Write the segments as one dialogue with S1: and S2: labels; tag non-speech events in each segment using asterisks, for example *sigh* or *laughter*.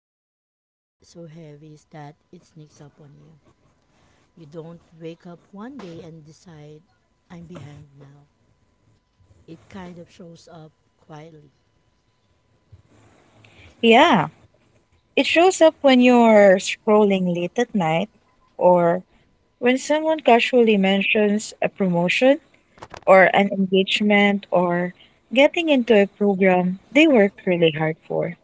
S1: being behind so heavy is that it sneaks up on you. You don't wake up one day and decide, I'm behind now. It kind of shows up quietly.
S2: Yeah, it shows up when you're scrolling late at night or when someone casually mentions a promotion or an engagement or getting into a program they worked really hard for.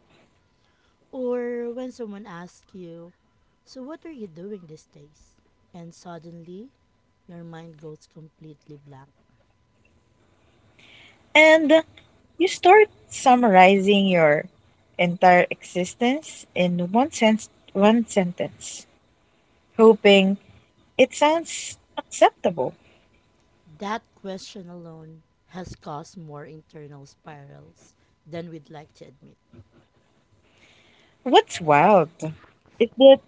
S1: Or when someone asks you, so what are you doing these days? And suddenly, your mind goes completely blank.
S2: And you start summarizing your entire existence in one sentence, hoping it sounds acceptable.
S1: That question alone has caused more internal spirals than we'd like to admit,
S2: What's wild is that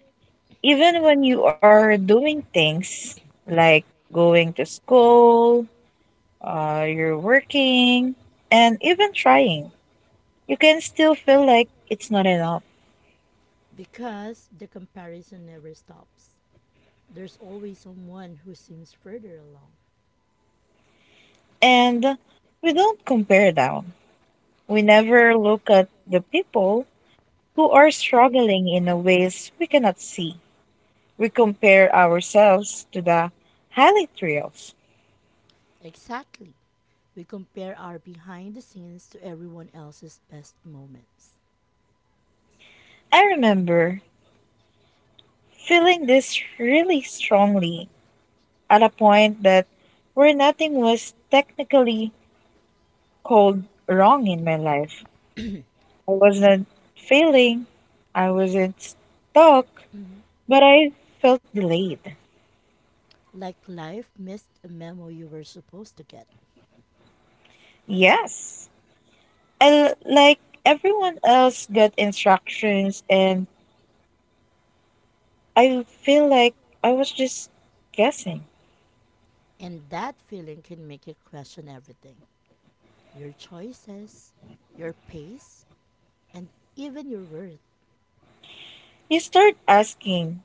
S2: even when you are doing things like going to school, you're working, and even trying, you can still feel like it's not enough.
S1: because the comparison never stops. There's always someone who seems further along.
S2: And we don't compare down. We never look at the people who are struggling in a ways we cannot see. We compare ourselves to the highlight reels.
S1: Exactly. We compare our behind the scenes to everyone else's best moments.
S2: I remember feeling this really strongly at a point that where nothing was technically called wrong in my life. I wasn't failing, I wasn't stuck,
S1: Mhm.
S2: but I felt delayed.
S1: Like life missed a memo you were supposed to get.
S2: Yes. I, like everyone else got instructions and I feel like I was just guessing.
S1: And that feeling can make you question everything, your choices, your pace, and even your worth.
S2: You start asking,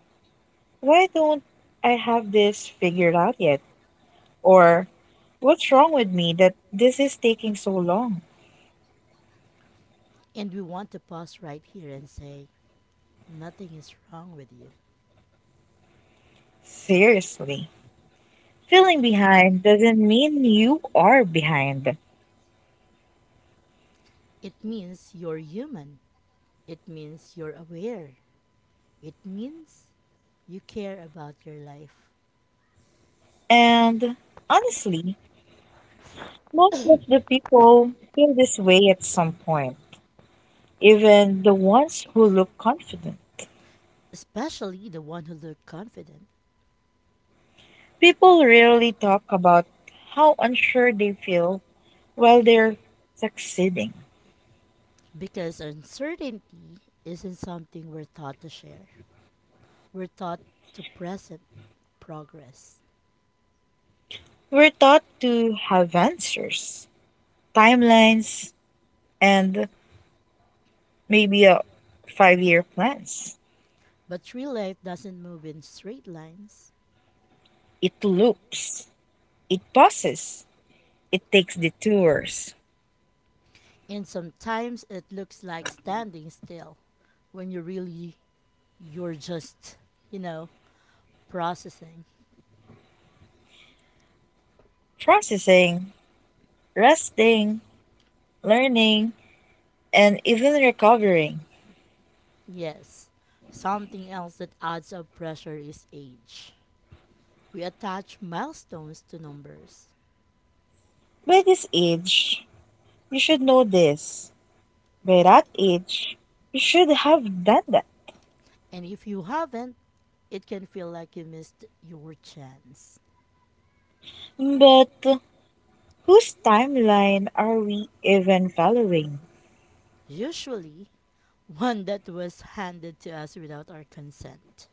S2: why don't I have this figured out yet? Or what's wrong with me that this is taking so long?
S1: And we want to pause right here and say, nothing is wrong with you.
S2: Seriously. Feeling behind doesn't mean you are behind.
S1: It means you're human. It means you're aware. It means you care about your life,
S2: And honestly, most of the people feel this way at some point, even the ones who look confident.
S1: especially the one who looked confident,
S2: People rarely talk about how unsure they feel while they're succeeding.
S1: because uncertainty isn't something we're taught to share. We're taught to present progress.
S2: We're taught to have answers, timelines, and maybe a 5-year plans.
S1: But real life doesn't move in straight lines,
S2: It loops, it pauses, it takes detours
S1: and sometimes it looks like standing still when you really you're just, you know, processing.
S2: processing, resting, learning, and even recovering.
S1: Yes. Something else that adds up pressure is age. We attach milestones to numbers.
S2: By this age, you should know this. By that age, you should have done that.
S1: And if you haven't, it can feel like you missed your chance.
S2: But whose timeline are we even following?
S1: Usually, one that was handed to us without our consent,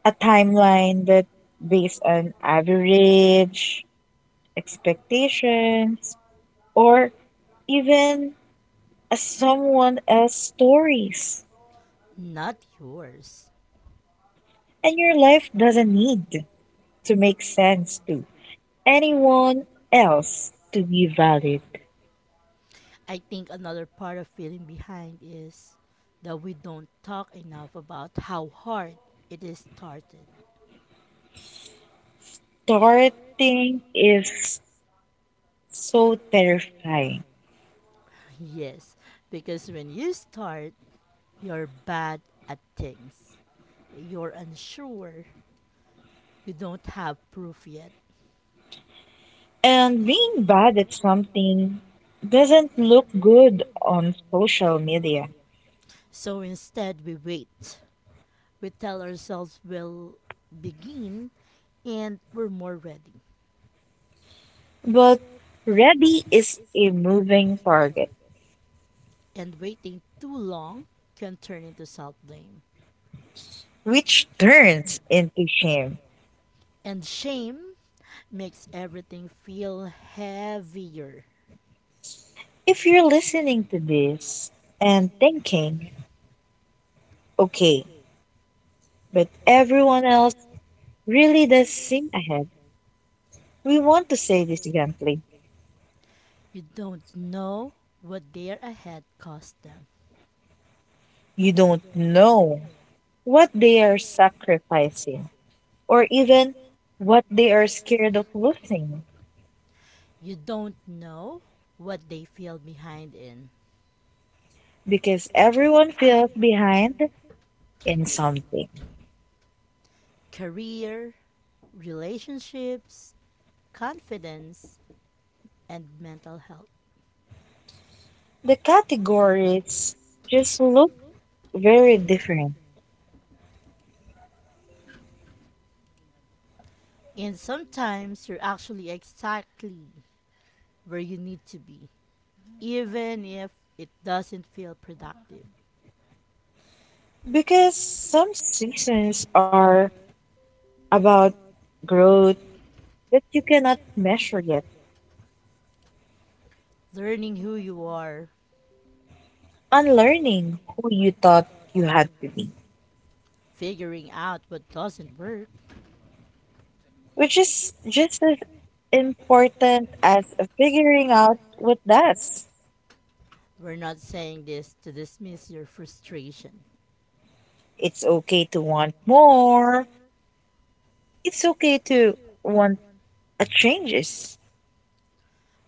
S2: A timeline that based on average, expectations, or even a someone else's stories.
S1: not yours.
S2: And your life doesn't need to make sense to anyone else to be valid.
S1: I think another part of feeling behind is that we don't talk enough about how hard it is started.
S2: Starting is so terrifying.
S1: *laughs* Yes, because when you start, you're bad at things. You're unsure. You don't have proof yet.
S2: And being bad at something doesn't look good on social media.
S1: So instead, we wait. We tell ourselves we'll begin and were more ready.
S2: But Rebby is a moving target,
S1: And waiting too long can turn into self blame.
S2: which turns into shame.
S1: And shame makes everything feel heavier.
S2: If you're listening to this and thinking, okay, but everyone else really does seem ahead, we want to say this gently.
S1: You don't know what their ahead cost them.
S2: You don't know what they are sacrificing, or even what they are scared of losing,
S1: You don't know what they feel behind in,
S2: because everyone feels behind in something.
S1: career, relationships, confidence, and mental health.
S2: The categories just look very different
S1: And sometimes you're actually exactly where you need to be, even if it doesn't feel productive.
S2: because some seasons are about growth that you cannot measure yet,
S1: Learning who you are,
S2: unlearning who you thought you had to be,
S1: figuring out what doesn't work.
S2: which is just as important as figuring out what does.
S1: We're not saying this to dismiss your frustration,
S2: It's okay to want more. It's okay to want a changes.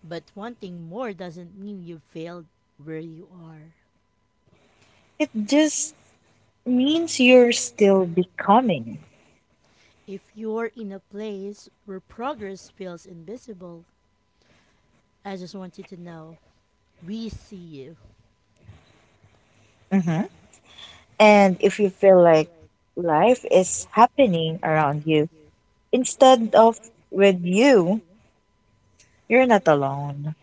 S1: but wanting more doesn't mean you failed where you are.
S2: It just means you're still becoming.
S1: If you're in a place where progress feels invisible, I just want you to know we see you.
S2: Hmm. And if you feel like life is happening around you instead of with you, you're not alone.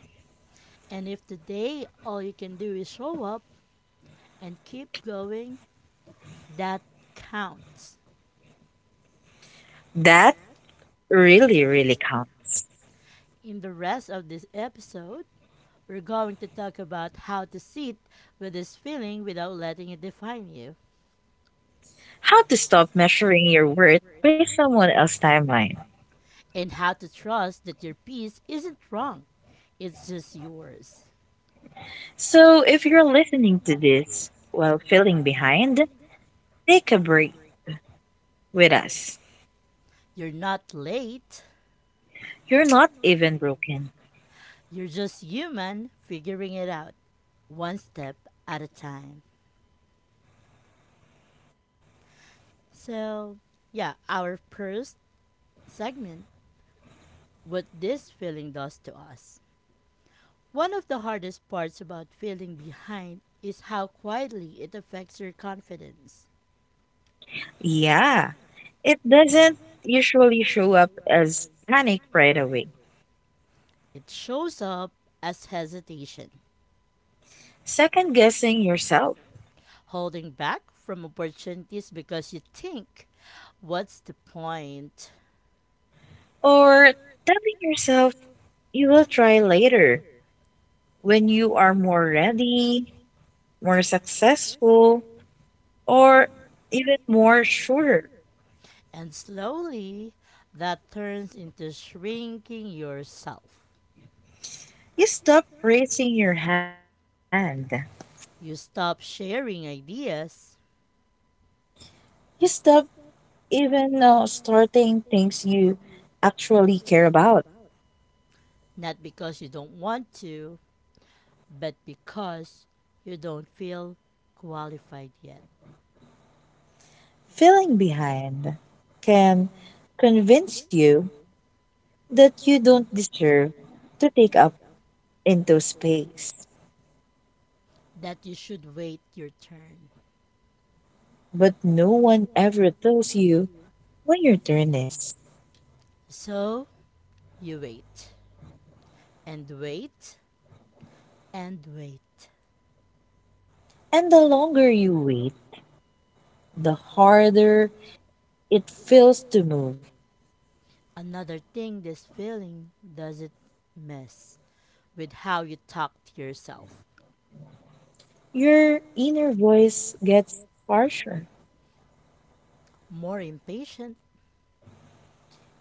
S1: And if today all you can do is show up and keep going, that counts.
S2: That really, really counts.
S1: In the rest of this episode, we're going to talk about how to sit with this feeling without letting it define you,
S2: How to stop measuring your worth by someone else's timeline.
S1: and how to trust that your peace isn't wrong, it's just yours.
S2: So if you're listening to this while feeling behind, take a break with us.
S1: You're not late,
S2: You're not even broken.
S1: you're just human figuring it out one step at a time. So, yeah, our first segment, what this feeling does to us. One of the hardest parts about feeling behind is how quietly it affects your confidence.
S2: Yeah, it doesn't usually show up as panic right away.
S1: It shows up as hesitation,
S2: Second guessing yourself
S1: holding back from opportunities because you think, what's the point?
S2: or telling yourself you will try later when you are more ready, more successful, or even more sure.
S1: And slowly, that turns into shrinking yourself.
S2: You stop raising your hand.
S1: You stop sharing ideas,
S2: You stop even starting things you actually care about.
S1: not because you don't want to, but because you don't feel qualified yet,
S2: Feeling behind can convince you that you don't deserve to take up into space.
S1: that you should wait your turn.
S2: But no one ever tells you when your turn is.
S1: So you wait and wait and wait.
S2: And the longer you wait, the harder it feels to move.
S1: Another thing this feeling does, it mess with how you talk to yourself.
S2: Your inner voice gets harsher.
S1: More impatient,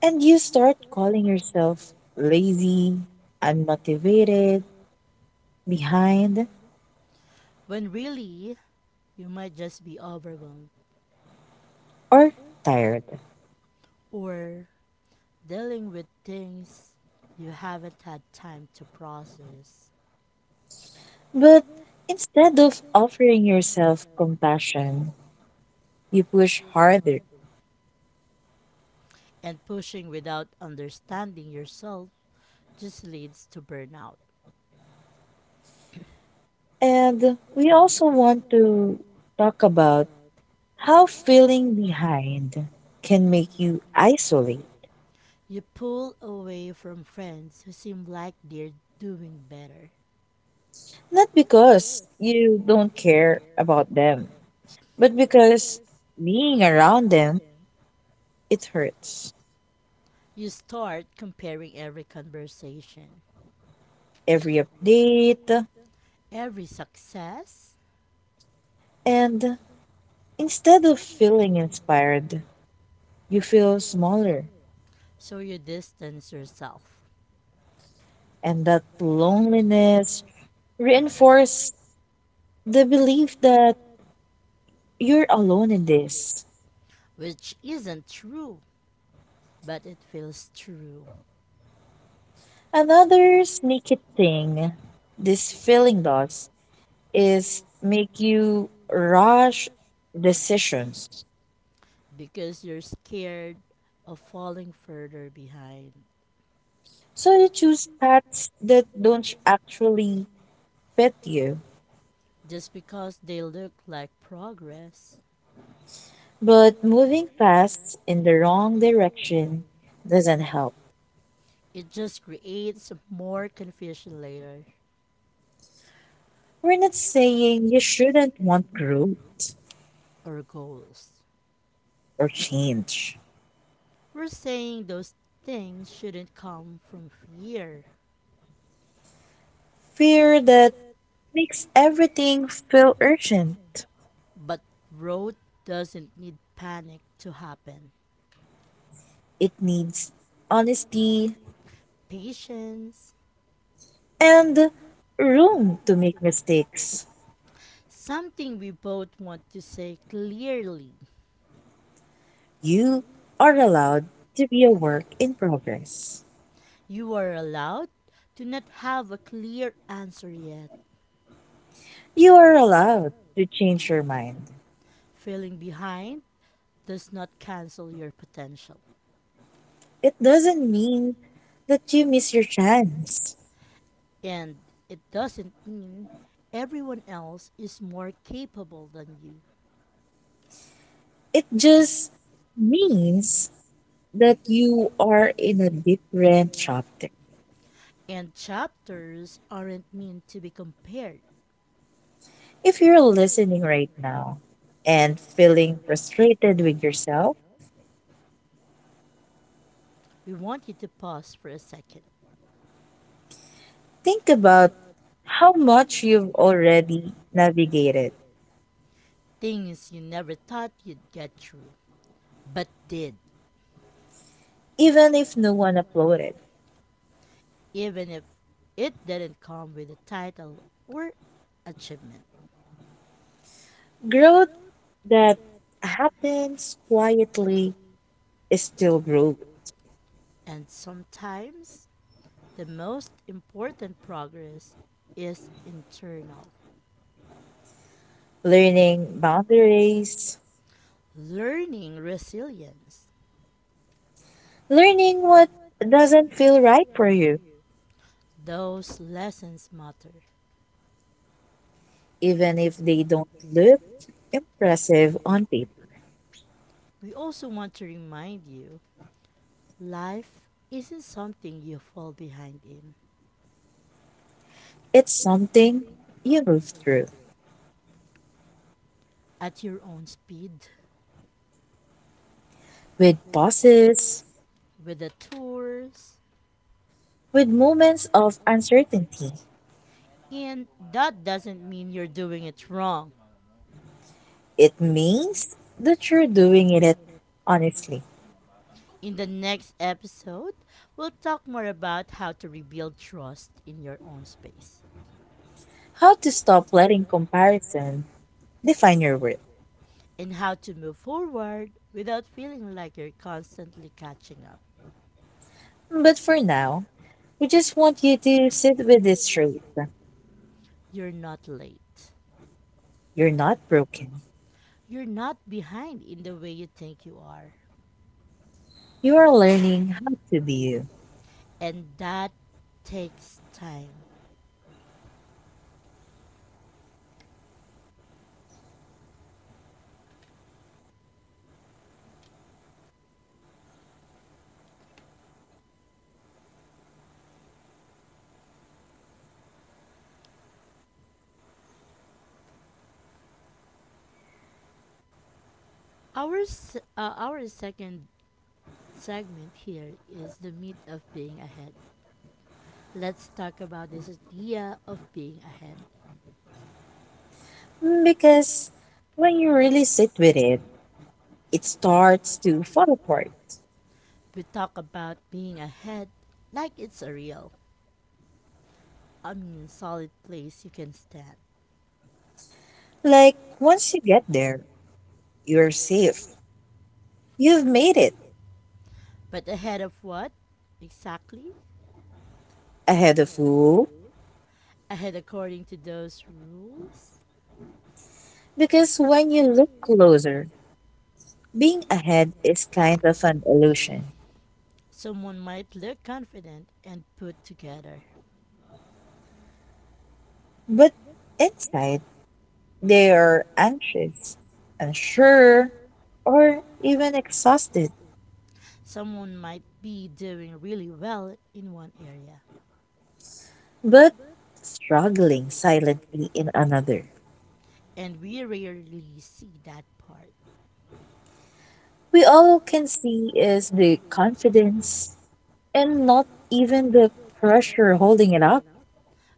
S2: And you start calling yourself lazy, unmotivated, behind,
S1: when really you might just be overwhelmed
S2: or tired.
S1: or dealing with things you haven't had time to process.
S2: But instead of offering yourself compassion, you push harder.
S1: And pushing without understanding yourself just leads to burnout.
S2: And we also want to talk about how feeling behind can make you isolate.
S1: You pull away from friends who seem like they're doing better.
S2: Not because you don't care about them, but because being around them, it hurts.
S1: You start comparing every conversation,
S2: Every update,
S1: every success,
S2: and instead of feeling inspired, you feel smaller.
S1: so you distance yourself.
S2: And that loneliness reinforces the belief that you're alone in this.
S1: Which isn't true, but it feels true,
S2: Another sneaky thing this feeling does is make you rush decisions.
S1: because you're scared of falling further behind.
S2: So you choose paths that don't actually fit you.
S1: Just because they look like progress,
S2: But moving fast in the wrong direction doesn't help.
S1: it just creates more confusion later,
S2: We're not saying you shouldn't want growth
S1: or goals.
S2: or change.
S1: We're saying those things shouldn't come from fear,
S2: Fear that makes everything feel urgent.
S1: but growth doesn't need panic to happen.
S2: It needs honesty,
S1: Patience,
S2: and room to make mistakes.
S1: something we both want to say clearly.
S2: You are allowed to be a work in progress.
S1: You are allowed to not have a clear answer yet.
S2: You are allowed to change your mind.
S1: Feeling behind does not cancel your potential.
S2: It doesn't mean that you miss your chance.
S1: And it doesn't mean everyone else is more capable than you.
S2: It just means that you are in a different chapter.
S1: And chapters aren't meant to be compared.
S2: If you're listening right now and feeling frustrated with yourself,
S1: We want you to pause for a second.
S2: think about how much you've already navigated,
S1: Things you never thought you'd get through, but did,
S2: even if no one uploaded.
S1: even if it didn't come with a title or achievement.
S2: Growth that happens quietly is still growth.
S1: And sometimes the most important progress is internal.
S2: Learning boundaries,
S1: Learning resilience.
S2: learning what doesn't feel right for you,
S1: Those lessons matter.
S2: even if they don't look impressive on paper.
S1: We also want to remind you, life isn't something you fall behind in
S2: It's something you move through
S1: at your own speed,
S2: with pauses,
S1: with the tours.
S2: with moments of uncertainty.
S1: And that doesn't mean you're doing it wrong.
S2: It means that you're doing it honestly.
S1: In the next episode, we'll talk more about how to rebuild trust in your own space,
S2: How to stop letting comparison define your worth.
S1: and how to move forward without feeling like you're constantly catching up.
S2: But for now, we just want you to sit with it straight.
S1: You're not late.
S2: You're not broken.
S1: You're not behind in the way you think you are.
S2: You are learning how to be you.
S1: And that takes time. Our, our second segment here is the meat of being ahead. Let's talk about this idea of being ahead.
S2: Mm, because when you really sit with it, it starts to fall apart.
S1: We talk about being ahead like it's a real, solid place you can stand.
S2: Like once you get there, you're safe. You've made it
S1: But ahead of what? Exactly?
S2: ahead of who?
S1: Ahead according to those rules.
S2: Because when you look closer, being ahead is kind of an illusion.
S1: Someone might look confident and put together.
S2: But inside, they are anxious, unsure, or even exhausted.
S1: Someone might be doing really well in one area.
S2: But struggling silently in another.
S1: And we rarely see that part.
S2: We all can see is the confidence and not even the pressure holding it up.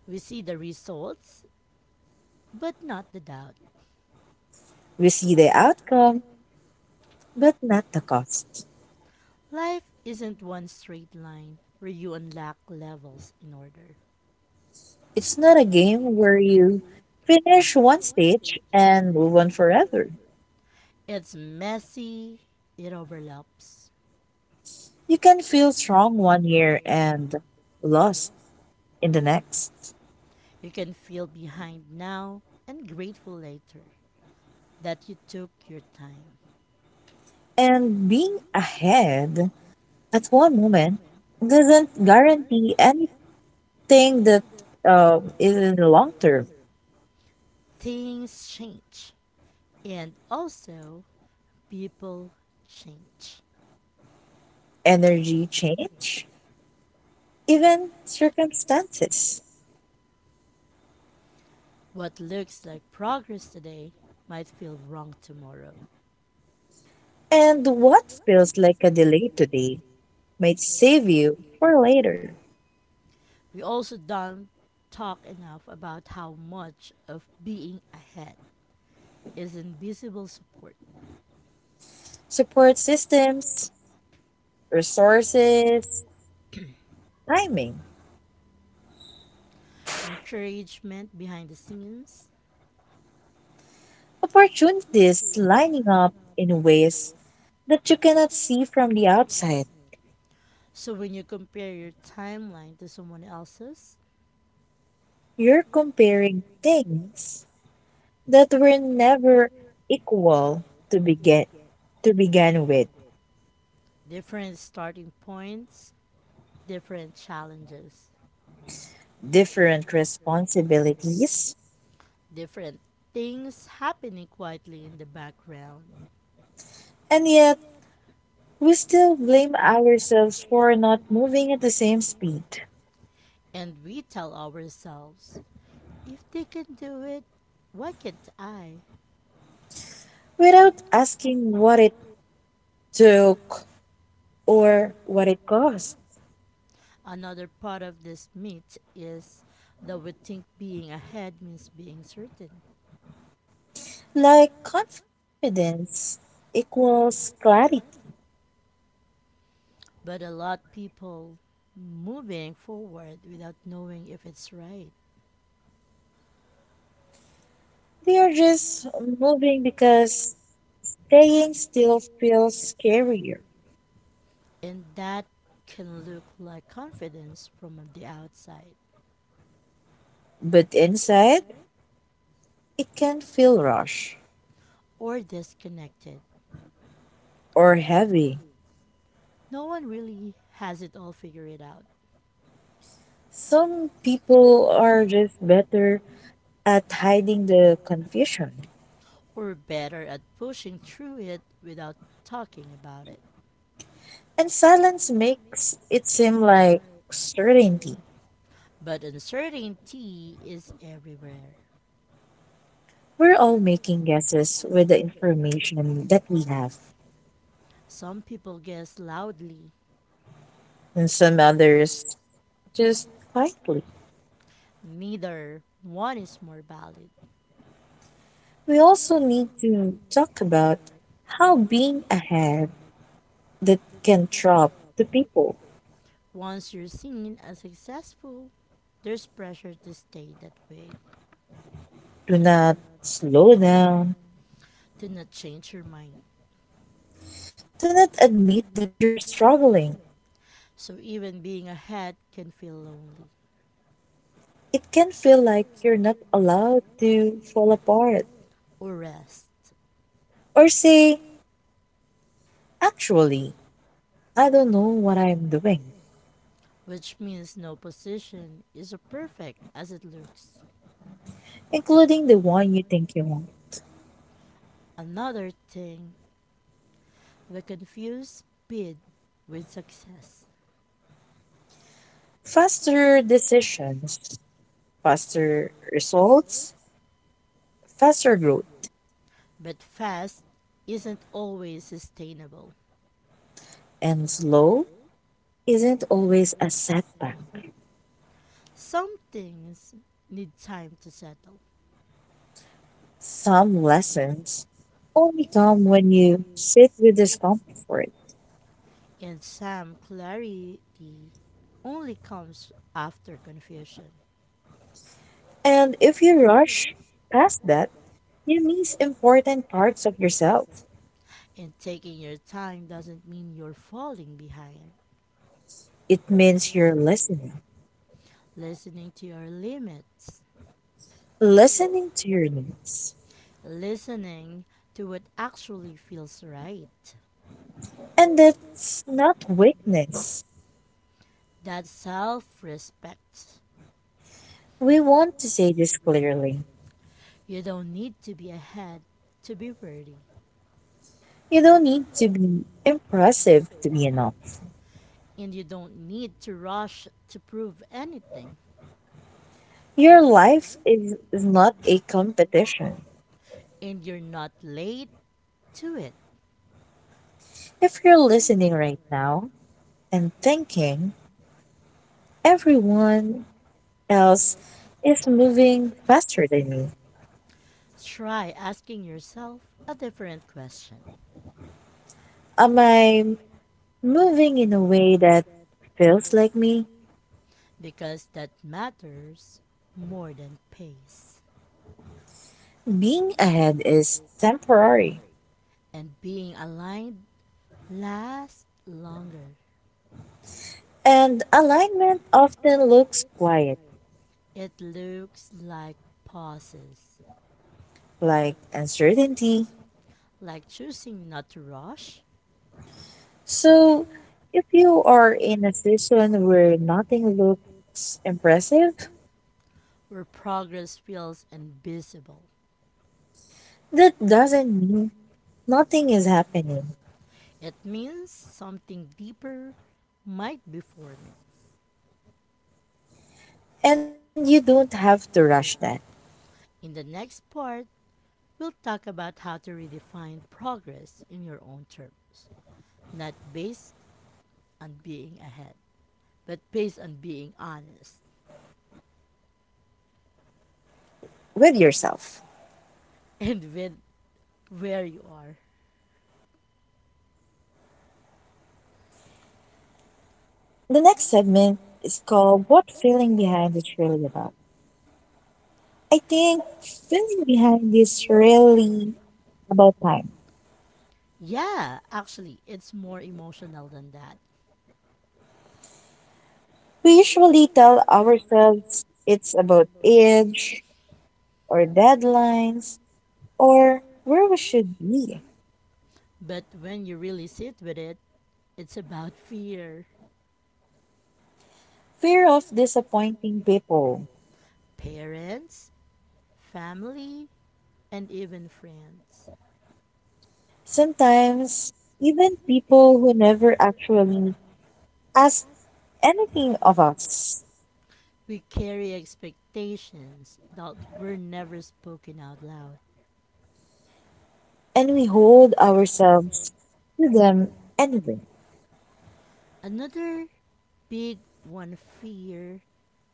S1: We see the results, but not the doubt.
S2: We see the outcome, but not the cost.
S1: Life isn't one straight line where you unlock levels in order.
S2: It's not a game where you finish one stage and move on forever.
S1: It's messy, it overlaps.
S2: You can feel strong one year and lost in the next.
S1: You can feel behind now and grateful later that you took your time.
S2: And being ahead at one moment doesn't guarantee any thing that is in the long term.
S1: Things change, and also people change.
S2: Energy change, even circumstances.
S1: What looks like progress today might feel wrong tomorrow.
S2: And what feels like a delay today might save you for later.
S1: We also don't talk enough about how much of being ahead is invisible support,
S2: Support systems, resources, timing,
S1: encouragement behind the scenes.
S2: opportunities lining up in ways that you cannot see from the outside.
S1: So when you compare your timeline to someone else's,
S2: You're comparing things that were never equal to begin to begin with
S1: different starting points, different challenges,
S2: different responsibilities,
S1: different things happening quietly in the background.
S2: and yet we still blame ourselves for not moving at the same speed
S1: And we tell ourselves, if they can do it, why can't I?
S2: without asking what it took or what it cost.
S1: Another part of this myth is that we think being ahead means being certain.
S2: Like confidence equals clarity.
S1: But a lot of people moving forward without knowing if it's right.
S2: We are just moving because staying still feels scarier,
S1: And that can look like confidence from the outside,
S2: but inside it can feel rush
S1: or disconnected.
S2: or heavy.
S1: No one really has it all figured out,
S2: Some people are just better at hiding the confusion.
S1: or better at pushing through it without talking about it.
S2: And silence makes it seem like certainty.
S1: But uncertainty is everywhere.
S2: We're all making guesses with the information that we have,
S1: Some people guess loudly.
S2: and some others just quietly.
S1: Neither one is more valid.
S2: We also need to talk about how being ahead that can trap the people.
S1: Once you're seen as successful, there's pressure to stay that way,
S2: Do not slow down.
S1: to not change your mind.
S2: Do not admit that you're struggling.
S1: So even being ahead can feel lonely,
S2: It can feel like you're not allowed to fall apart.
S1: or rest,
S2: Or say, actually, I don't know what I'm doing,
S1: which means no position is as perfect as it looks.
S2: including the one you think you want.
S1: Another thing, we confuse speed with success.
S2: Faster decisions, faster results, faster growth,
S1: But fast isn't always sustainable.
S2: and slow isn't always a setback.
S1: Some things need time to settle,
S2: Some lessons only come when you sit with discomfort.
S1: and some clarity only comes after confusion.
S2: And if you rush past that, you miss important parts of yourself.
S1: And taking your time doesn't mean you're falling behind.
S2: It means you're listening,
S1: Listening to your limits,
S2: listening to your needs.
S1: listening to what actually feels right.
S2: And that's not weakness.
S1: That's self respect.
S2: We want to say this clearly.
S1: You don't need to be ahead to be worthy.
S2: You don't need to be impressive to be enough.
S1: And you don't need to rush to prove anything,
S2: Your life is not a competition.
S1: and you're not late to it.
S2: If you're listening right now and thinking everyone else is moving faster than me,
S1: Try asking yourself a different question,
S2: am I moving in a way that feels like me?
S1: because that matters more than pace.
S2: Being ahead is temporary,
S1: And being aligned lasts longer.
S2: and alignment often looks quiet,
S1: It looks like pauses,
S2: like uncertainty.
S1: like choosing not to rush,
S2: So, if you are in a season where nothing looks impressive,
S1: where progress feels invisible.
S2: that doesn't mean nothing is happening,
S1: It means something deeper might be forming.
S2: and you don't have to rush that
S1: In the next part, we'll talk about how to redefine progress in your own terms, not based on being ahead, but based on being honest
S2: with yourself.
S1: *laughs* and with where you are.
S2: The next segment is called What Feeling Behind is Really About. I think feeling behind is really about time.
S1: Yeah, actually, it's more emotional than that.
S2: We usually tell ourselves it's about age or deadlines or where we should be.
S1: But when you really sit with it, it's about fear.
S2: Fear of disappointing people.
S1: Parents, family, and even friends.
S2: Sometimes, even people who never actually ask anything of us,
S1: We carry expectations that were never spoken out loud.
S2: and we hold ourselves to them anyway.
S1: Another big one, fear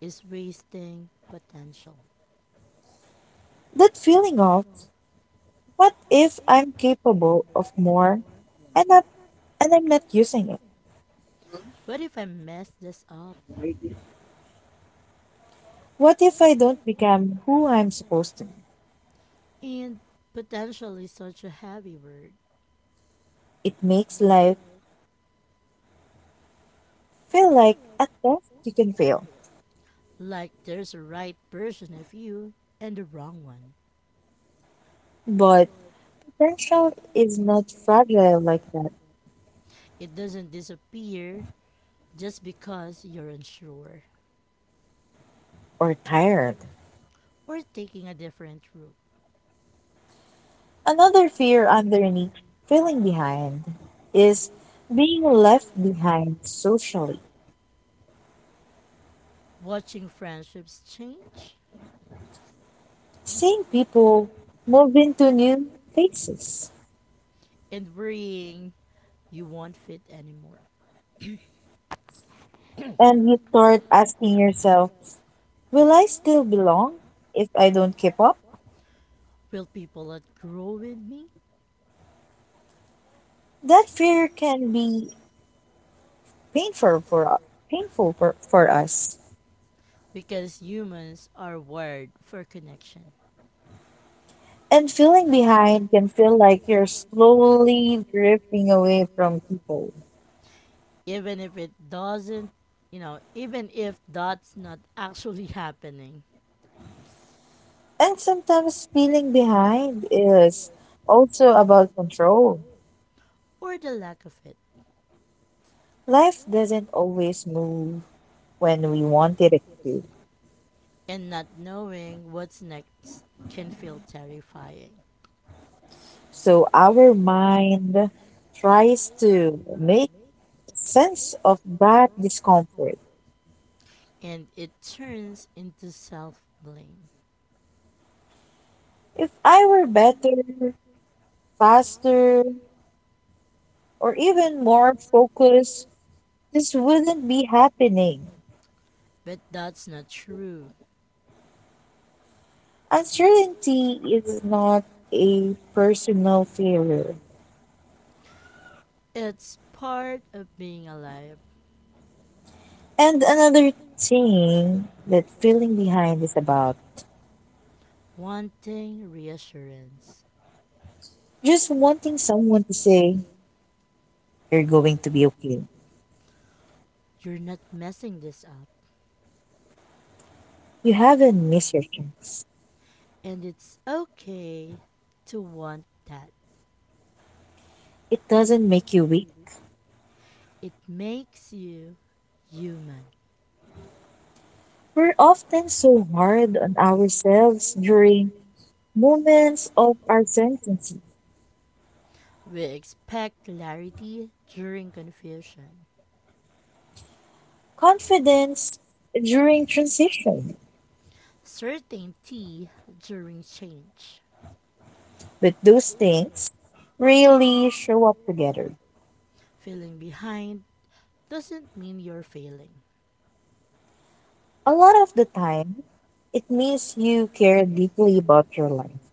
S1: is wasting potential.
S2: That feeling of, what if I'm capable of more and, up, and I'm not using it?
S1: What if I mess this up?
S2: What if I don't become who I'm supposed to be?
S1: And potential is such a heavy word.
S2: It makes life feel like a test you can fail.
S1: Like there's a right version of you and a wrong one.
S2: But potential is not fragile like that
S1: It doesn't disappear just because you're unsure
S2: or tired.
S1: or taking a different route.
S2: Another fear underneath feeling behind is being left behind socially.
S1: Watching friendships change
S2: Seeing people move into new places,
S1: and worrying you won't fit anymore.
S2: and you start asking yourself, will I still belong if I don't keep up?
S1: Will people outgrow with me?
S2: That fear can be painful for painful for us.
S1: Because humans are wired for connection.
S2: And feeling behind can feel like you're slowly drifting away from people.
S1: Even if it doesn't, even if that's not actually *laughs* happening,
S2: And sometimes feeling behind is also about control.
S1: or the lack of it,
S2: Life doesn't always move when we wanted it to.
S1: and not knowing what's next can feel terrifying,
S2: So our mind tries to make sense of that discomfort.
S1: and it turns into self blame.
S2: If I were better, faster, or even more focused, this wouldn't be happening.
S1: But that's not true.
S2: Uncertainty is not a personal failure.
S1: It's part of being alive,
S2: And another thing that feeling behind is about
S1: wanting reassurance.
S2: just wanting someone to say you're going to be okay.
S1: You're not messing this up,
S2: You haven't missed your chance.
S1: and it's okay to want that.
S2: It doesn't make you weak.
S1: It makes you human.
S2: We're often so hard on ourselves during moments of our sentency,
S1: We expect clarity during confusion,
S2: confidence during transition.
S1: certainty during change.
S2: But those things really show up together.
S1: Feeling behind doesn't mean you're failing.
S2: A lot of the time, it means you care deeply about your life.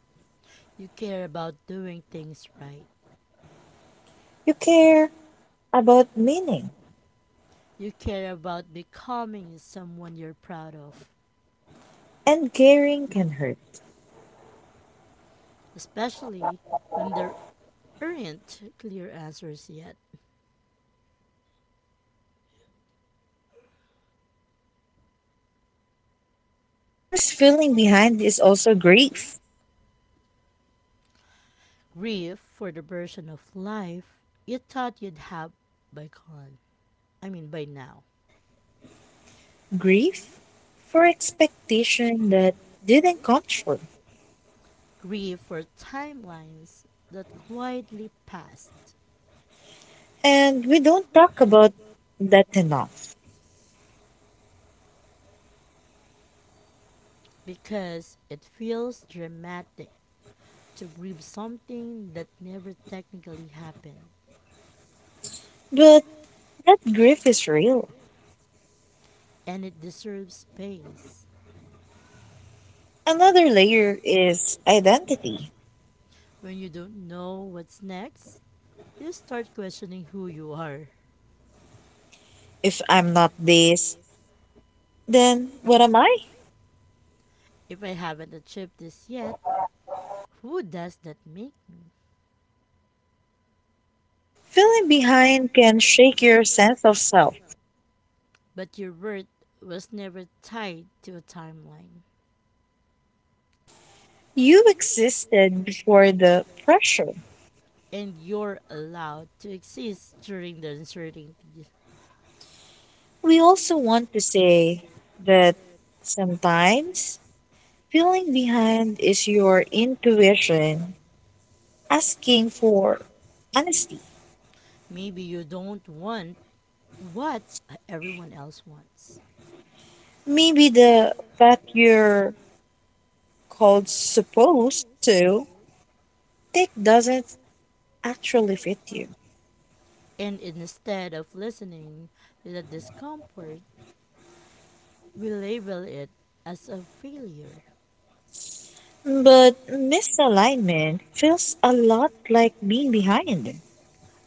S1: You care about doing things right.
S2: You care about meaning,
S1: You care about becoming someone you're proud of,
S2: and caring can hurt.
S1: especially when there aren't clear answers yet.
S2: Sometimes feeling behind is also grief.
S1: Grief for the version of life you thought you'd have by con. I mean by now.
S2: Grief for expectation that didn't come true.
S1: Grieve for timelines that quietly passed,
S2: And we don't talk about that enough.
S1: because it feels dramatic to grieve something that never technically happened,
S2: But that grief is real.
S1: and it deserves space.
S2: Another layer is identity.
S1: When you don't know what's next, you start questioning who you are.
S2: If I'm not this, then what am I?
S1: If I haven't achieved this yet, who does that make me?
S2: Feeling behind can shake your sense of self.
S1: But your worth was never tied to a timeline,
S2: You existed before the pressure.
S1: and you're allowed to exist during the uncertainty.
S2: We also want to say that sometimes feeling behind is your intuition asking for honesty.
S1: Maybe you don't want what everyone else wants.
S2: Maybe the path you're called supposed to take doesn't actually fit you.
S1: And instead of listening to the discomfort, we label it as a failure.
S2: But misalignment feels a lot like being behind.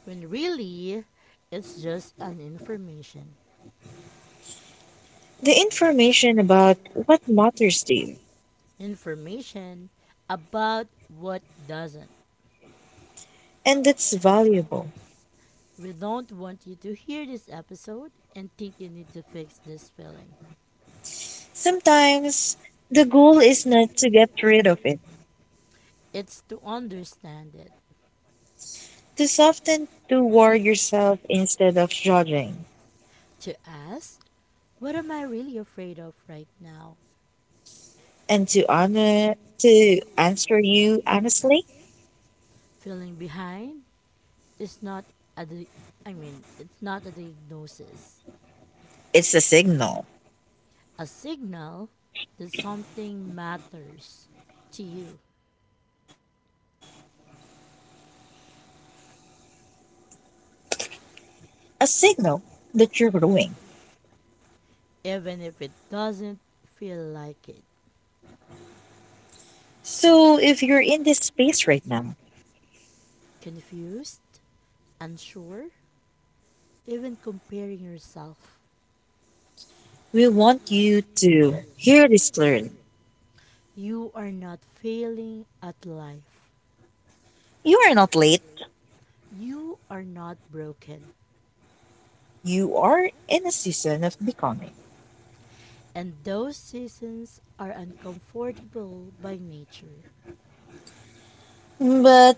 S1: When really, it's just an information.
S2: The information about what matters to you,
S1: Information about what doesn't.
S2: and that's valuable.
S1: We don't want you to hear this episode and think you need to fix this feeling.
S2: Sometimes the goal is not to get rid of it.
S1: It's to understand it,
S2: To soften toward yourself instead of judging,
S1: to ask, what am I really afraid of right now?
S2: and to honor to answer you honestly,
S1: Feeling behind? Is not a di- I mean, It's not a diagnosis.
S2: it's a signal.
S1: A signal that something matters to you,
S2: A signal that you're growing.
S1: even if it doesn't feel like it.
S2: So if you're in this space right now,
S1: Confused, unsure, even comparing yourself.
S2: we want you to hear this clearly.
S1: You are not failing at life.
S2: You are not late.
S1: You are not broken.
S2: You are in a season of becoming.
S1: And those seasons are uncomfortable by nature.
S2: But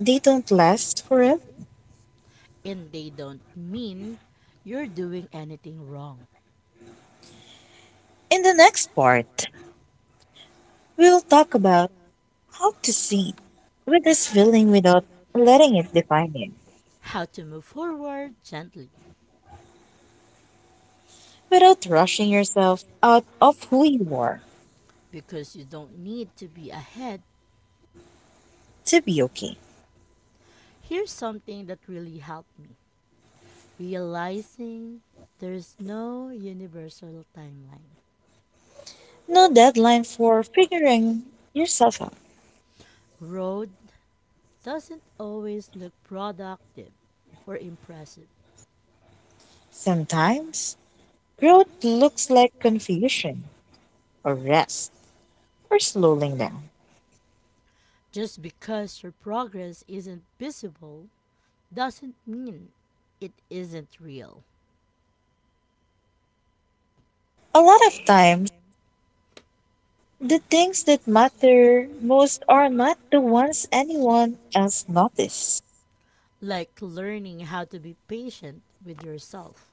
S2: they don't last forever.
S1: And they don't mean you're doing anything wrong.
S2: In the next part, we'll talk about how to see with this feeling without letting it define you,
S1: How to move forward gently
S2: without rushing yourself out of who you are
S1: because you don't need to be ahead.
S2: to be okay.
S1: Here's something that really helped me realizing there's no universal timeline.
S2: No deadline for figuring yourself out.
S1: Road doesn't always look productive or impressive.
S2: Sometimes growth looks like confusion or rest or slowing down.
S1: Just because your progress isn't visible doesn't mean it isn't real.
S2: A lot of time, the things that matter most are not the ones anyone else notices,
S1: Like learning how to be patient with yourself,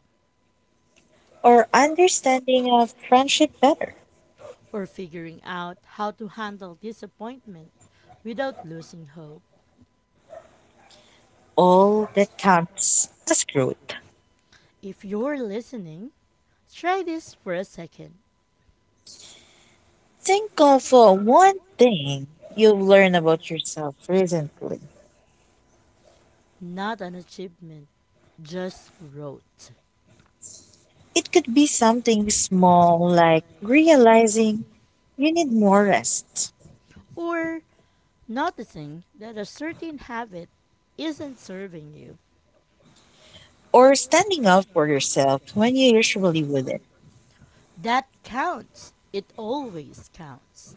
S2: or understanding of friendship better.
S1: or figuring out how to handle disappointment without losing hope.
S2: All that counts as growth.
S1: If you're listening, try this for a second.
S2: Think of one thing you've learned about yourself recently.
S1: Not an achievement, just growth.
S2: It could be something small like realizing you need more rest,
S1: Or noticing that a certain habit isn't serving you.
S2: or standing up for yourself when you usually wouldn't.
S1: That counts. It always counts.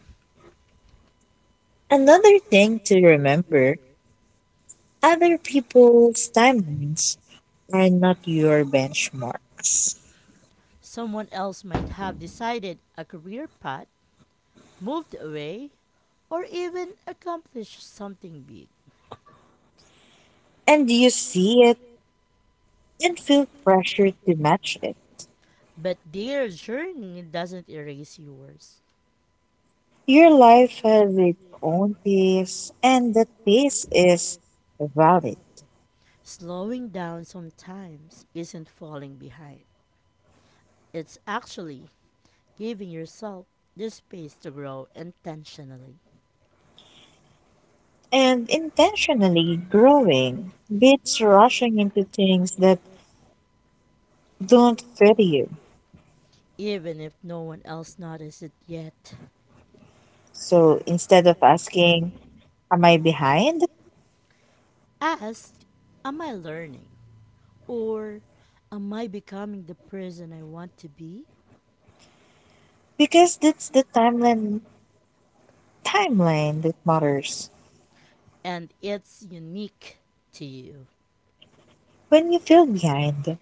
S2: Another thing to remember, other people's timelines are not your benchmarks,
S1: Someone else might have decided a career path, moved away, or even accomplished something big.
S2: and you see it and feel pressure to match it.
S1: But their journey doesn't erase yours.
S2: Your life has its own pace, and that pace is valid,
S1: Slowing down sometimes isn't falling behind, it's actually giving yourself the space to grow intentionally,
S2: and intentionally growing beats rushing into things that don't fit you.
S1: even if no one else notices it yet.
S2: So instead of asking, am I behind?
S1: Ask, am I learning? Or am I becoming the person I want to be?
S2: Because that's the timeline that matters.
S1: And it's unique to you.
S2: When you feel behind,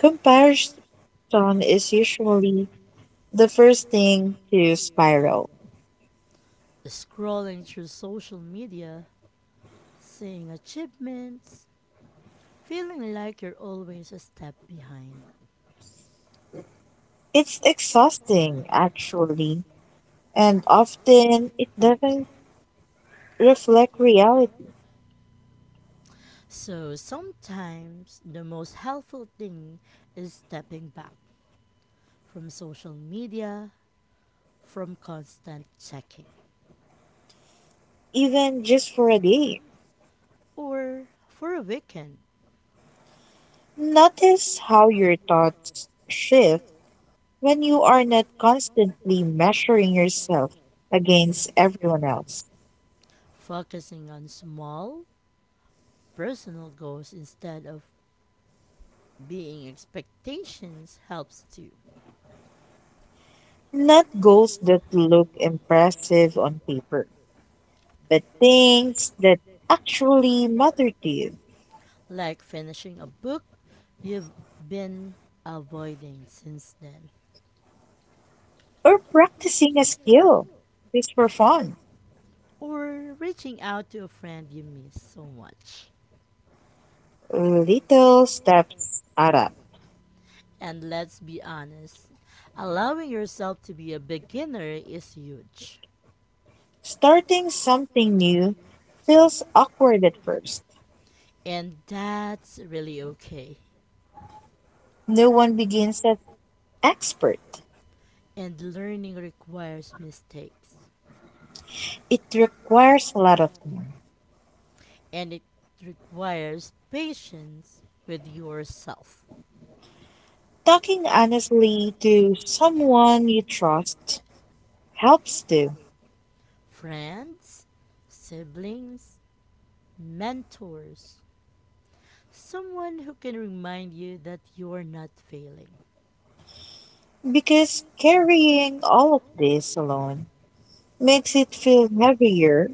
S2: comparison is usually the first thing to spiral.
S1: Scrolling through social media, seeing achievements, feeling like you're always a step behind.
S2: It's exhausting actually, and often it doesn't reflect reality,
S1: So sometimes the most helpful thing is stepping back from social media, from constant checking,
S2: even just for a day.
S1: or for a weekend,
S2: Notice how your thoughts shift when you are not constantly measuring yourself against everyone else.
S1: focusing on small personal goals instead of being expectations helps too.
S2: Not goals that look impressive on paper, but things that actually matter to you,
S1: Like finishing a book you've been avoiding since then,
S2: or practicing a skill just for fun.
S1: or reaching out to a friend you miss so much.
S2: Little steps add up.
S1: And let's be honest, allowing yourself to be a beginner is huge.
S2: Starting something new feels awkward at first.
S1: And that's really okay.
S2: No one begins as expert.
S1: And learning requires mistakes.
S2: It requires a lot of time.
S1: And it requires patience with yourself.
S2: Talking honestly to someone you trust helps too,
S1: Friends, siblings, mentors, someone who can remind you that you're not failing.
S2: because carrying all of this alone makes it feel heavier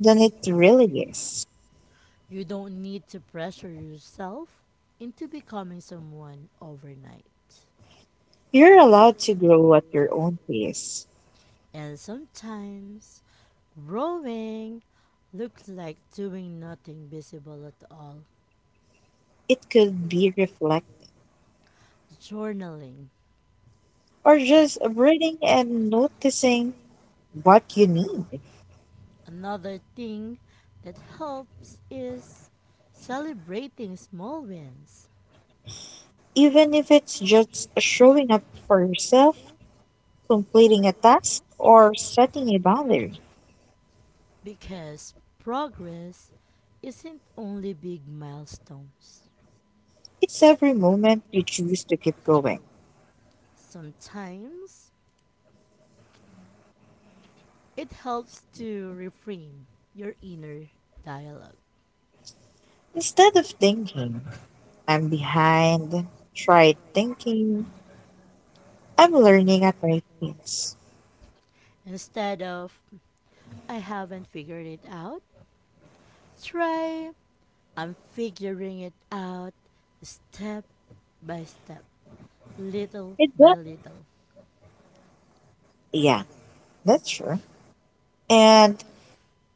S2: than it really is.
S1: You don't need to pressure yourself into becoming someone overnight.
S2: You're allowed to grow at your own pace.
S1: And sometimes growing looks like doing nothing visible at all.
S2: It could be reflecting
S1: Journaling.
S2: or just breathing and noticing what you need,
S1: Another thing that helps is celebrating small wins
S2: even if it's just showing up for yourself, completing a task, or setting a boundary.
S1: because progress isn't only big milestones.
S2: It's every moment you choose to keep going.
S1: Sometimes it helps to reframe your inner dialogue.
S2: Instead of thinking, I'm behind, try thinking, I'm learning at my pace.
S1: Instead of, I haven't figured it out, try, I'm figuring it out step by step, little
S2: It
S1: by
S2: does.
S1: little.
S2: Yeah, that's true. And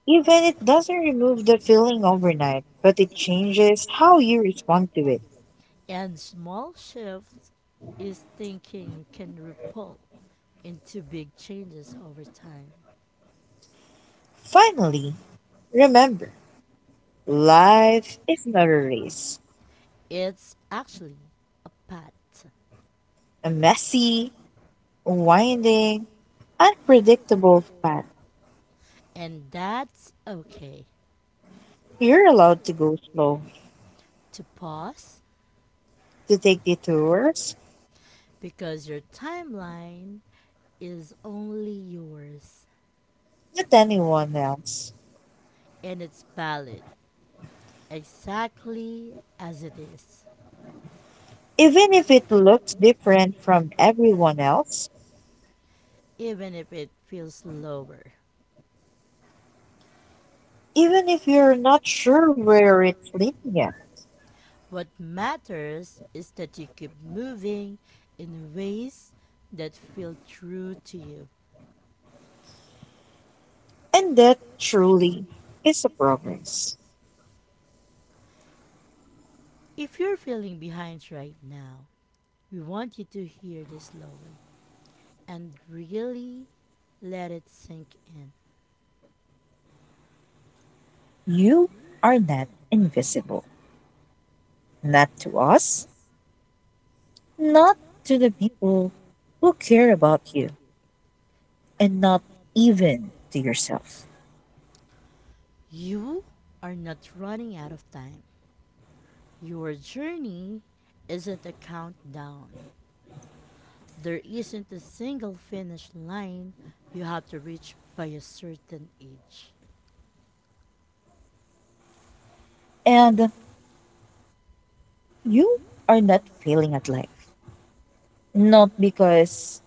S2: even it doesn't remove the feeling overnight, but it changes how you respond to it.
S1: And small shifts is thinking can ripple into big changes over time.
S2: Finally, remember, life is not a race.
S1: It's actually a path,
S2: A messy, winding, unpredictable path.
S1: and that's okay
S2: You're allowed to go slow,
S1: to pause
S2: to take detours,
S1: because your timeline is only yours
S2: not anyone else.
S1: and it's valid exactly as it is,
S2: Even if it looks different from everyone else,
S1: even if it feels slower.
S2: even if you're not sure where it's leading you.
S1: What matters is that you keep moving in ways that feel true to you.
S2: And that truly is a progress.
S1: If you're feeling behind right now, we want you to hear this slowly and really let it sink in.
S2: You are not invisible. Not to us, not to the people who care about you, and not even to yourself.
S1: You are not running out of time. Your journey isn't a countdown. There isn't a single finish line you have to reach by a certain age.
S2: And you are not failing at life. Not because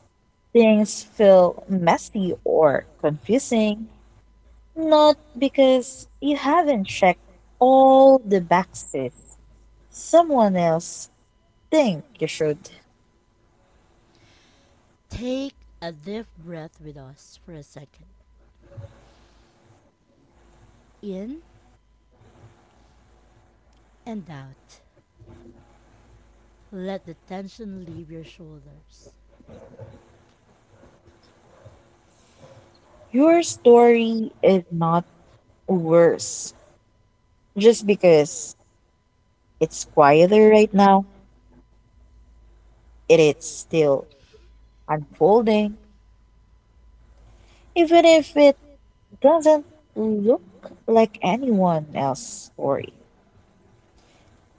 S2: things feel messy or confusing, not because you haven't checked all the boxes someone else think you should.
S1: Take a deep breath with us for a second. In and out. Let the tension leave your shoulders.
S2: Your story is not worse just because it's quieter right now. It is still unfolding, even if it doesn't look like anyone else's story.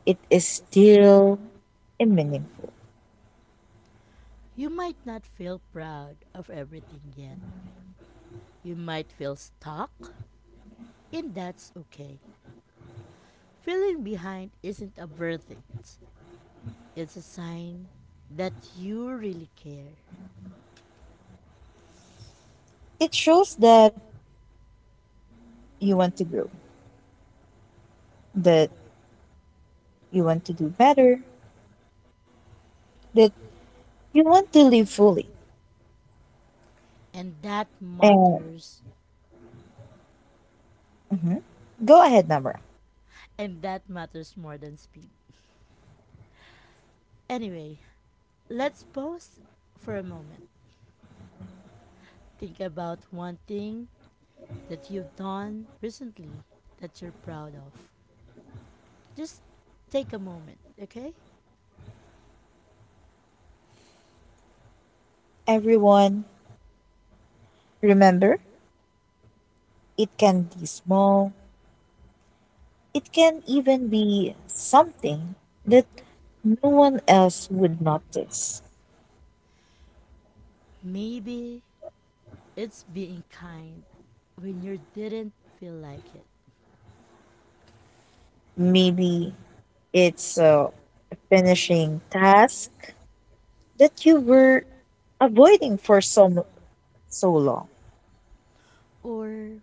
S2: It is still a meaningful.
S1: You might not feel proud of everything yet. You might feel stuck, and that's okay. Feeling behind isn't a verdict, it's a sign that you really care.
S2: It shows that you want to grow, that you want to do better, that you want to live fully.
S1: And that
S2: And
S1: matters,
S2: mhm, go ahead, Namra.
S1: and that matters more than speed. Anyway, let's pause for a moment. Think about one thing that you've done recently that you're proud of. Just take a moment, okay?
S2: Everyone, remember, it can be small, it can even be something that no one else would notice.
S1: Maybe it's being kind when you didn't feel like it,
S2: Maybe it's a finishing task that you were avoiding for so, so long.
S1: or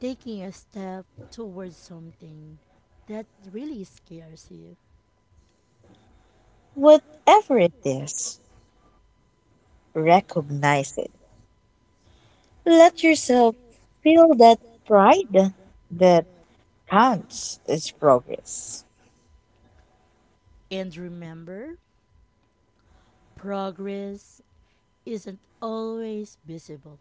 S1: taking a step towards something that really scares you.
S2: Whatever it is, recognize it. Let yourself feel that pride that counts as progress.
S1: And remember, progress isn't always visible.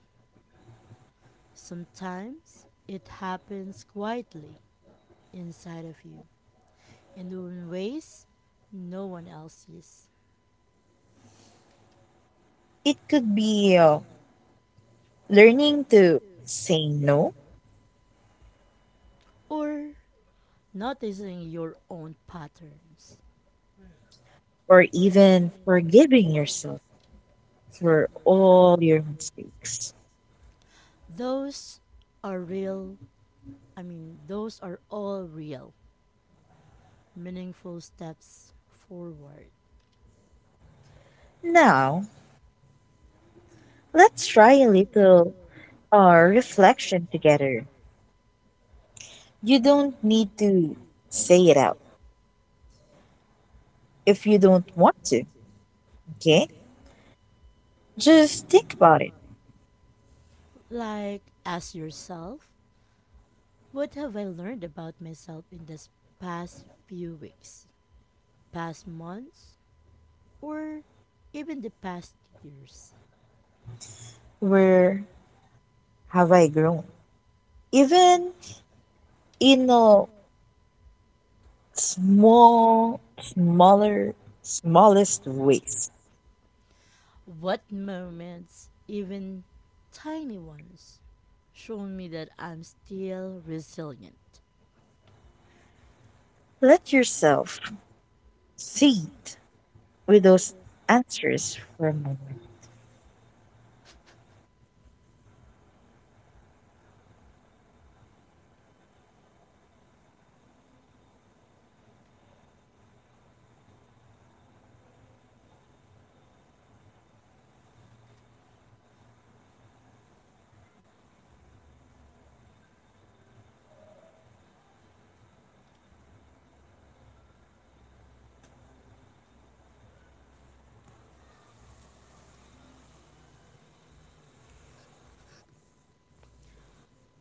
S1: Sometimes it happens quietly inside of you and in ways no one else sees,
S2: It could be learning to say no,
S1: or noticing your own patterns.
S2: or even forgiving yourself for all your mistakes.
S1: Those are real, those are all real, meaningful steps forward.
S2: Now, let's try a little reflection together. You don't need to say it out if you don't want to, okay? Just think about it.
S1: Ask yourself, what have I learned about myself in this past few weeks, past months, or even the past years?
S2: Where have I grown? Even in a small, smaller, smallest ways.
S1: What moments, even tiny ones, shown me that I'm still resilient?
S2: Let yourself sit with those answers for a moment.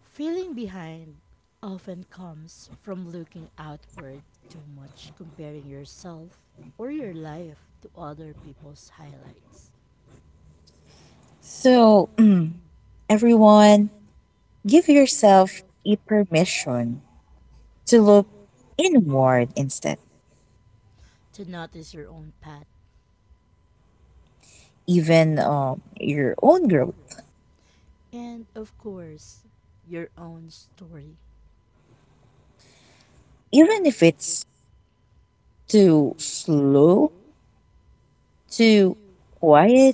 S1: Feeling behind often comes from looking outward too much, comparing yourself or your life to other people's highlights,
S2: So, everyone, give yourself a permission to look inward instead,
S1: to notice your own path,
S2: even your own growth,
S1: and of course, your own story.
S2: even if it's too slow, too quiet,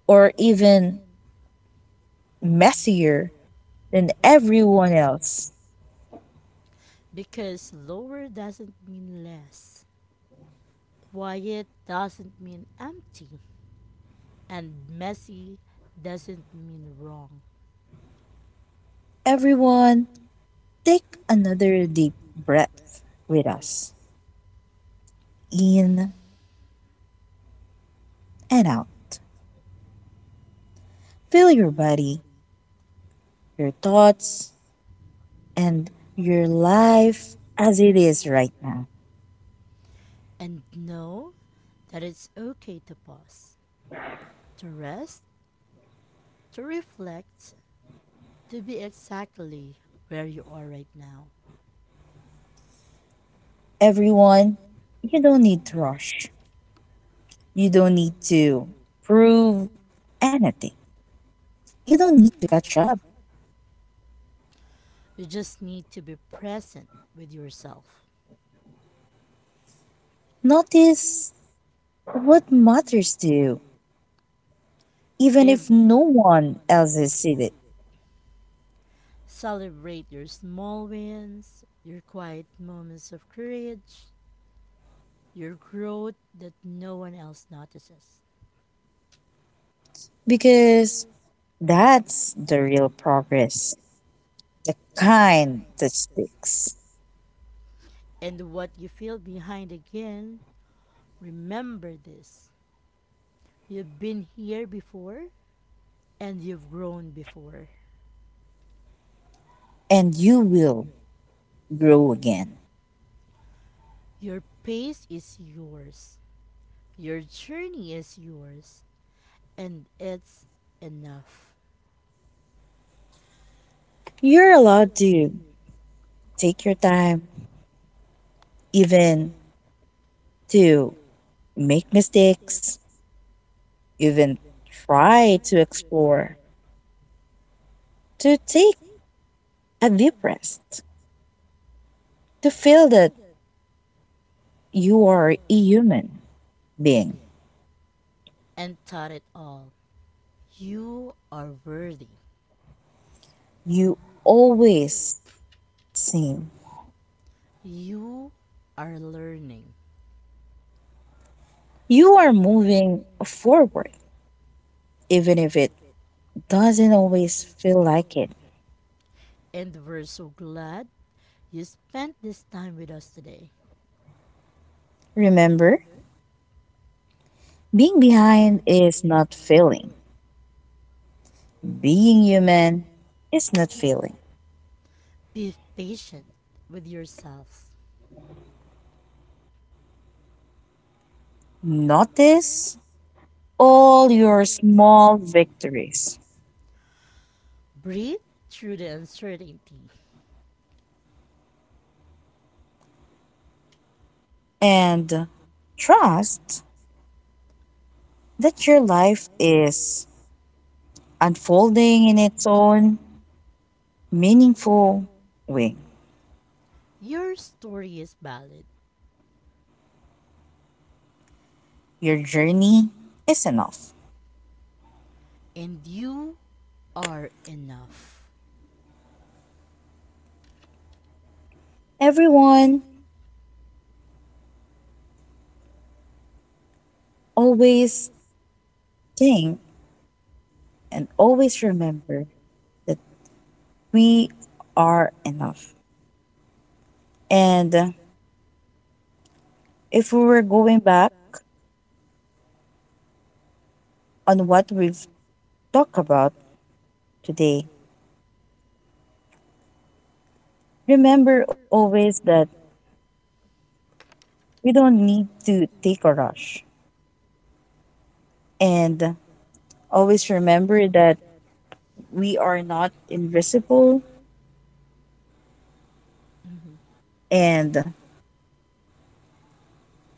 S2: or even messier then everyone else.
S1: Because lower doesn't mean less, quiet doesn't mean empty, and messy doesn't mean wrong.
S2: Everyone, take another deep breath with us. In and out. Feel your body, your thoughts, and your life as it is right now.
S1: And know that it's okay to pause, to rest, to reflect, to be exactly where you are right now.
S2: Everyone, you don't need to rush. You don't need to prove anything. You don't need to catch up.
S1: You just need to be present with yourself.
S2: Notice what matters to you, even
S1: If
S2: if no one else has seen it.
S1: celebrate your small wins, your quiet moments of courage, your growth that no one else notices.
S2: Because that's the real progress, the kind that sticks.
S1: And what you feel behind again, remember this. You've been here before and you've grown before.
S2: And you will grow again.
S1: Your pace is yours. Your journey is yours, and it's enough.
S2: You're allowed to take your time, even to make mistakes, even try to explore, to take a deep rest, to feel that you are a human being.
S1: And taught it all. You are worthy.
S2: You always seem
S1: You are learning.
S2: you are moving forward, even if it doesn't always feel like it.
S1: And we're so glad you spent this time with us today.
S2: Remember, being behind is not failing. Being human is not failing.
S1: Be patient with yourself.
S2: Notice all your small victories
S1: Breathe through the uncertainty.
S2: and trust that your life is unfolding in its own meaningful way.
S1: Your story is valid
S2: Your journey is enough.
S1: and you are enough.
S2: Everyone, always think and always remember that we are enough. And if we were going back on what we've talked about today, remember always that we don't need to take a rush. And always remember that we are not invisible,
S1: Hmm.
S2: and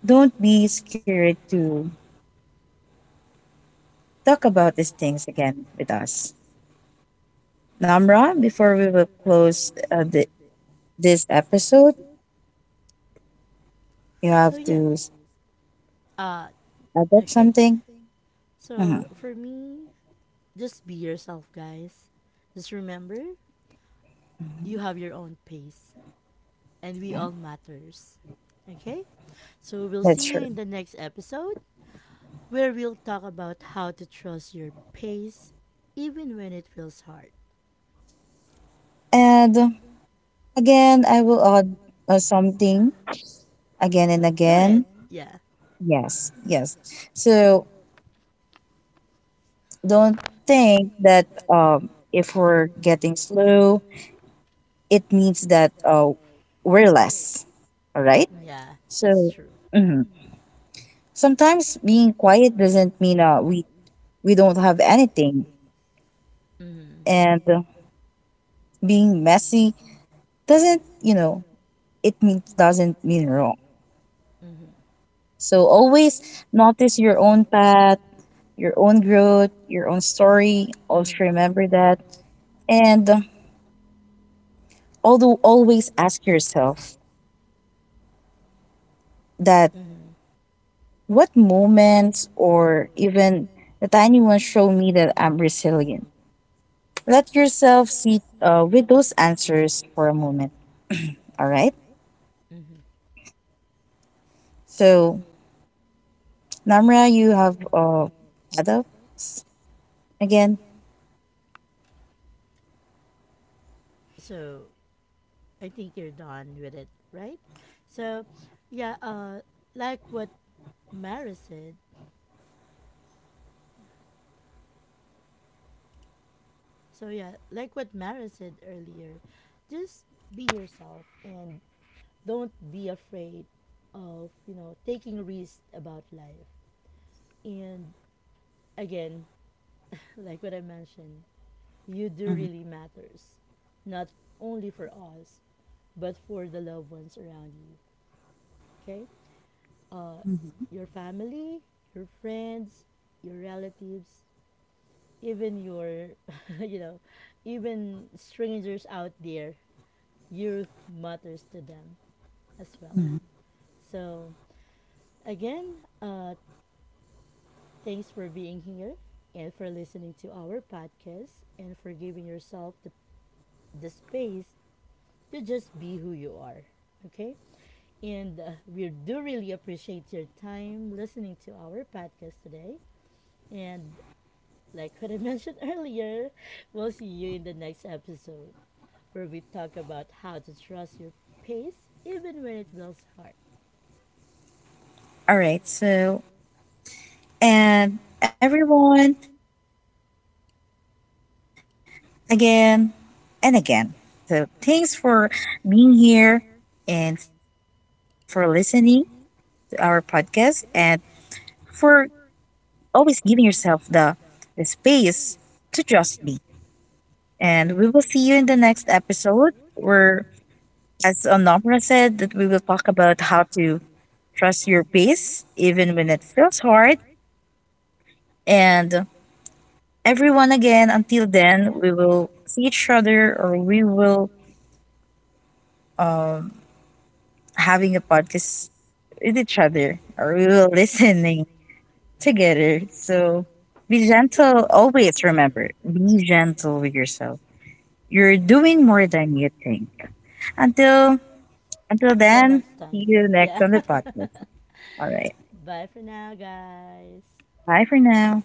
S2: don't be scared to talk about these things again with us. Namra, before we will close this episode, you have
S1: So, yeah.
S2: to
S1: Uh,
S2: add up
S1: okay.
S2: something.
S1: So
S2: Mhm.
S1: for me, just be yourself, guys. Just remember, you have your own pace, and we
S2: Yeah,
S1: all matters. Okay? So we'll
S2: that's
S1: see you
S2: true.
S1: in the next episode where we'll talk about how to trust your pace even when it feels hard.
S2: And again, I will add something again and
S1: Go ahead.
S2: again.
S1: Yeah.
S2: Yes, yes. So don't think that if we're getting slow, it means that we're less. All right.
S1: Yeah. That's
S2: So
S1: true.
S2: mhm, sometimes being quiet doesn't mean we don't have anything,
S1: Mhm.
S2: and being messy doesn't you know it means doesn't mean wrong.
S1: Mhm.
S2: So always notice your own path, your own growth, your own story. Also
S1: Mhm.
S2: remember that, and although, always ask yourself that
S1: Mhm.
S2: what moments or even the tiny ones show me that I'm resilient. Let yourself sit with those answers for a moment. All right.
S1: Mhm.
S2: So Namra, you have had up again.
S1: So I think you're done with it, right? So yeah, uh, like what Mara said, So yeah, like what Mara said earlier, just be yourself and don't be afraid of taking risks about life. And again, *laughs* like what I mentioned, you do
S2: Mhm,
S1: really matters. Not only for us, but for the loved ones around you. Okay? Uh
S2: mhm,
S1: your family, your friends, your relatives, even your *laughs* you know, even strangers out there. Your are mothers to them as well.
S2: mhm.
S1: So, again, thanks for being here and for listening to our podcast and for giving yourself the space to just be who you are. Okay? And we do really appreciate your time listening to our podcast today. And like what I *laughs* mentioned earlier, we'll see you in the next episode where we talk about how to trust your pace even when it feels hard.
S2: All right. So and everyone, again and again. So thanks for being here and for listening to our podcast and for always giving yourself the space to just be. And we will see you in the next episode where, as Onomra said, that we will talk about how to trust your pace even when it
S1: Mhm.
S2: feels hard. And everyone, again, until then, we will see each other or we will um, having a podcast with each other or we will *laughs* listening together. So be gentle. Always remember, be gentle with yourself. You're doing more than you think. Until until
S1: Until
S2: then, see you
S1: *laughs*
S2: next on the podcast.
S1: *laughs*
S2: All right.
S1: Bye for now, guys.
S2: Bye for now.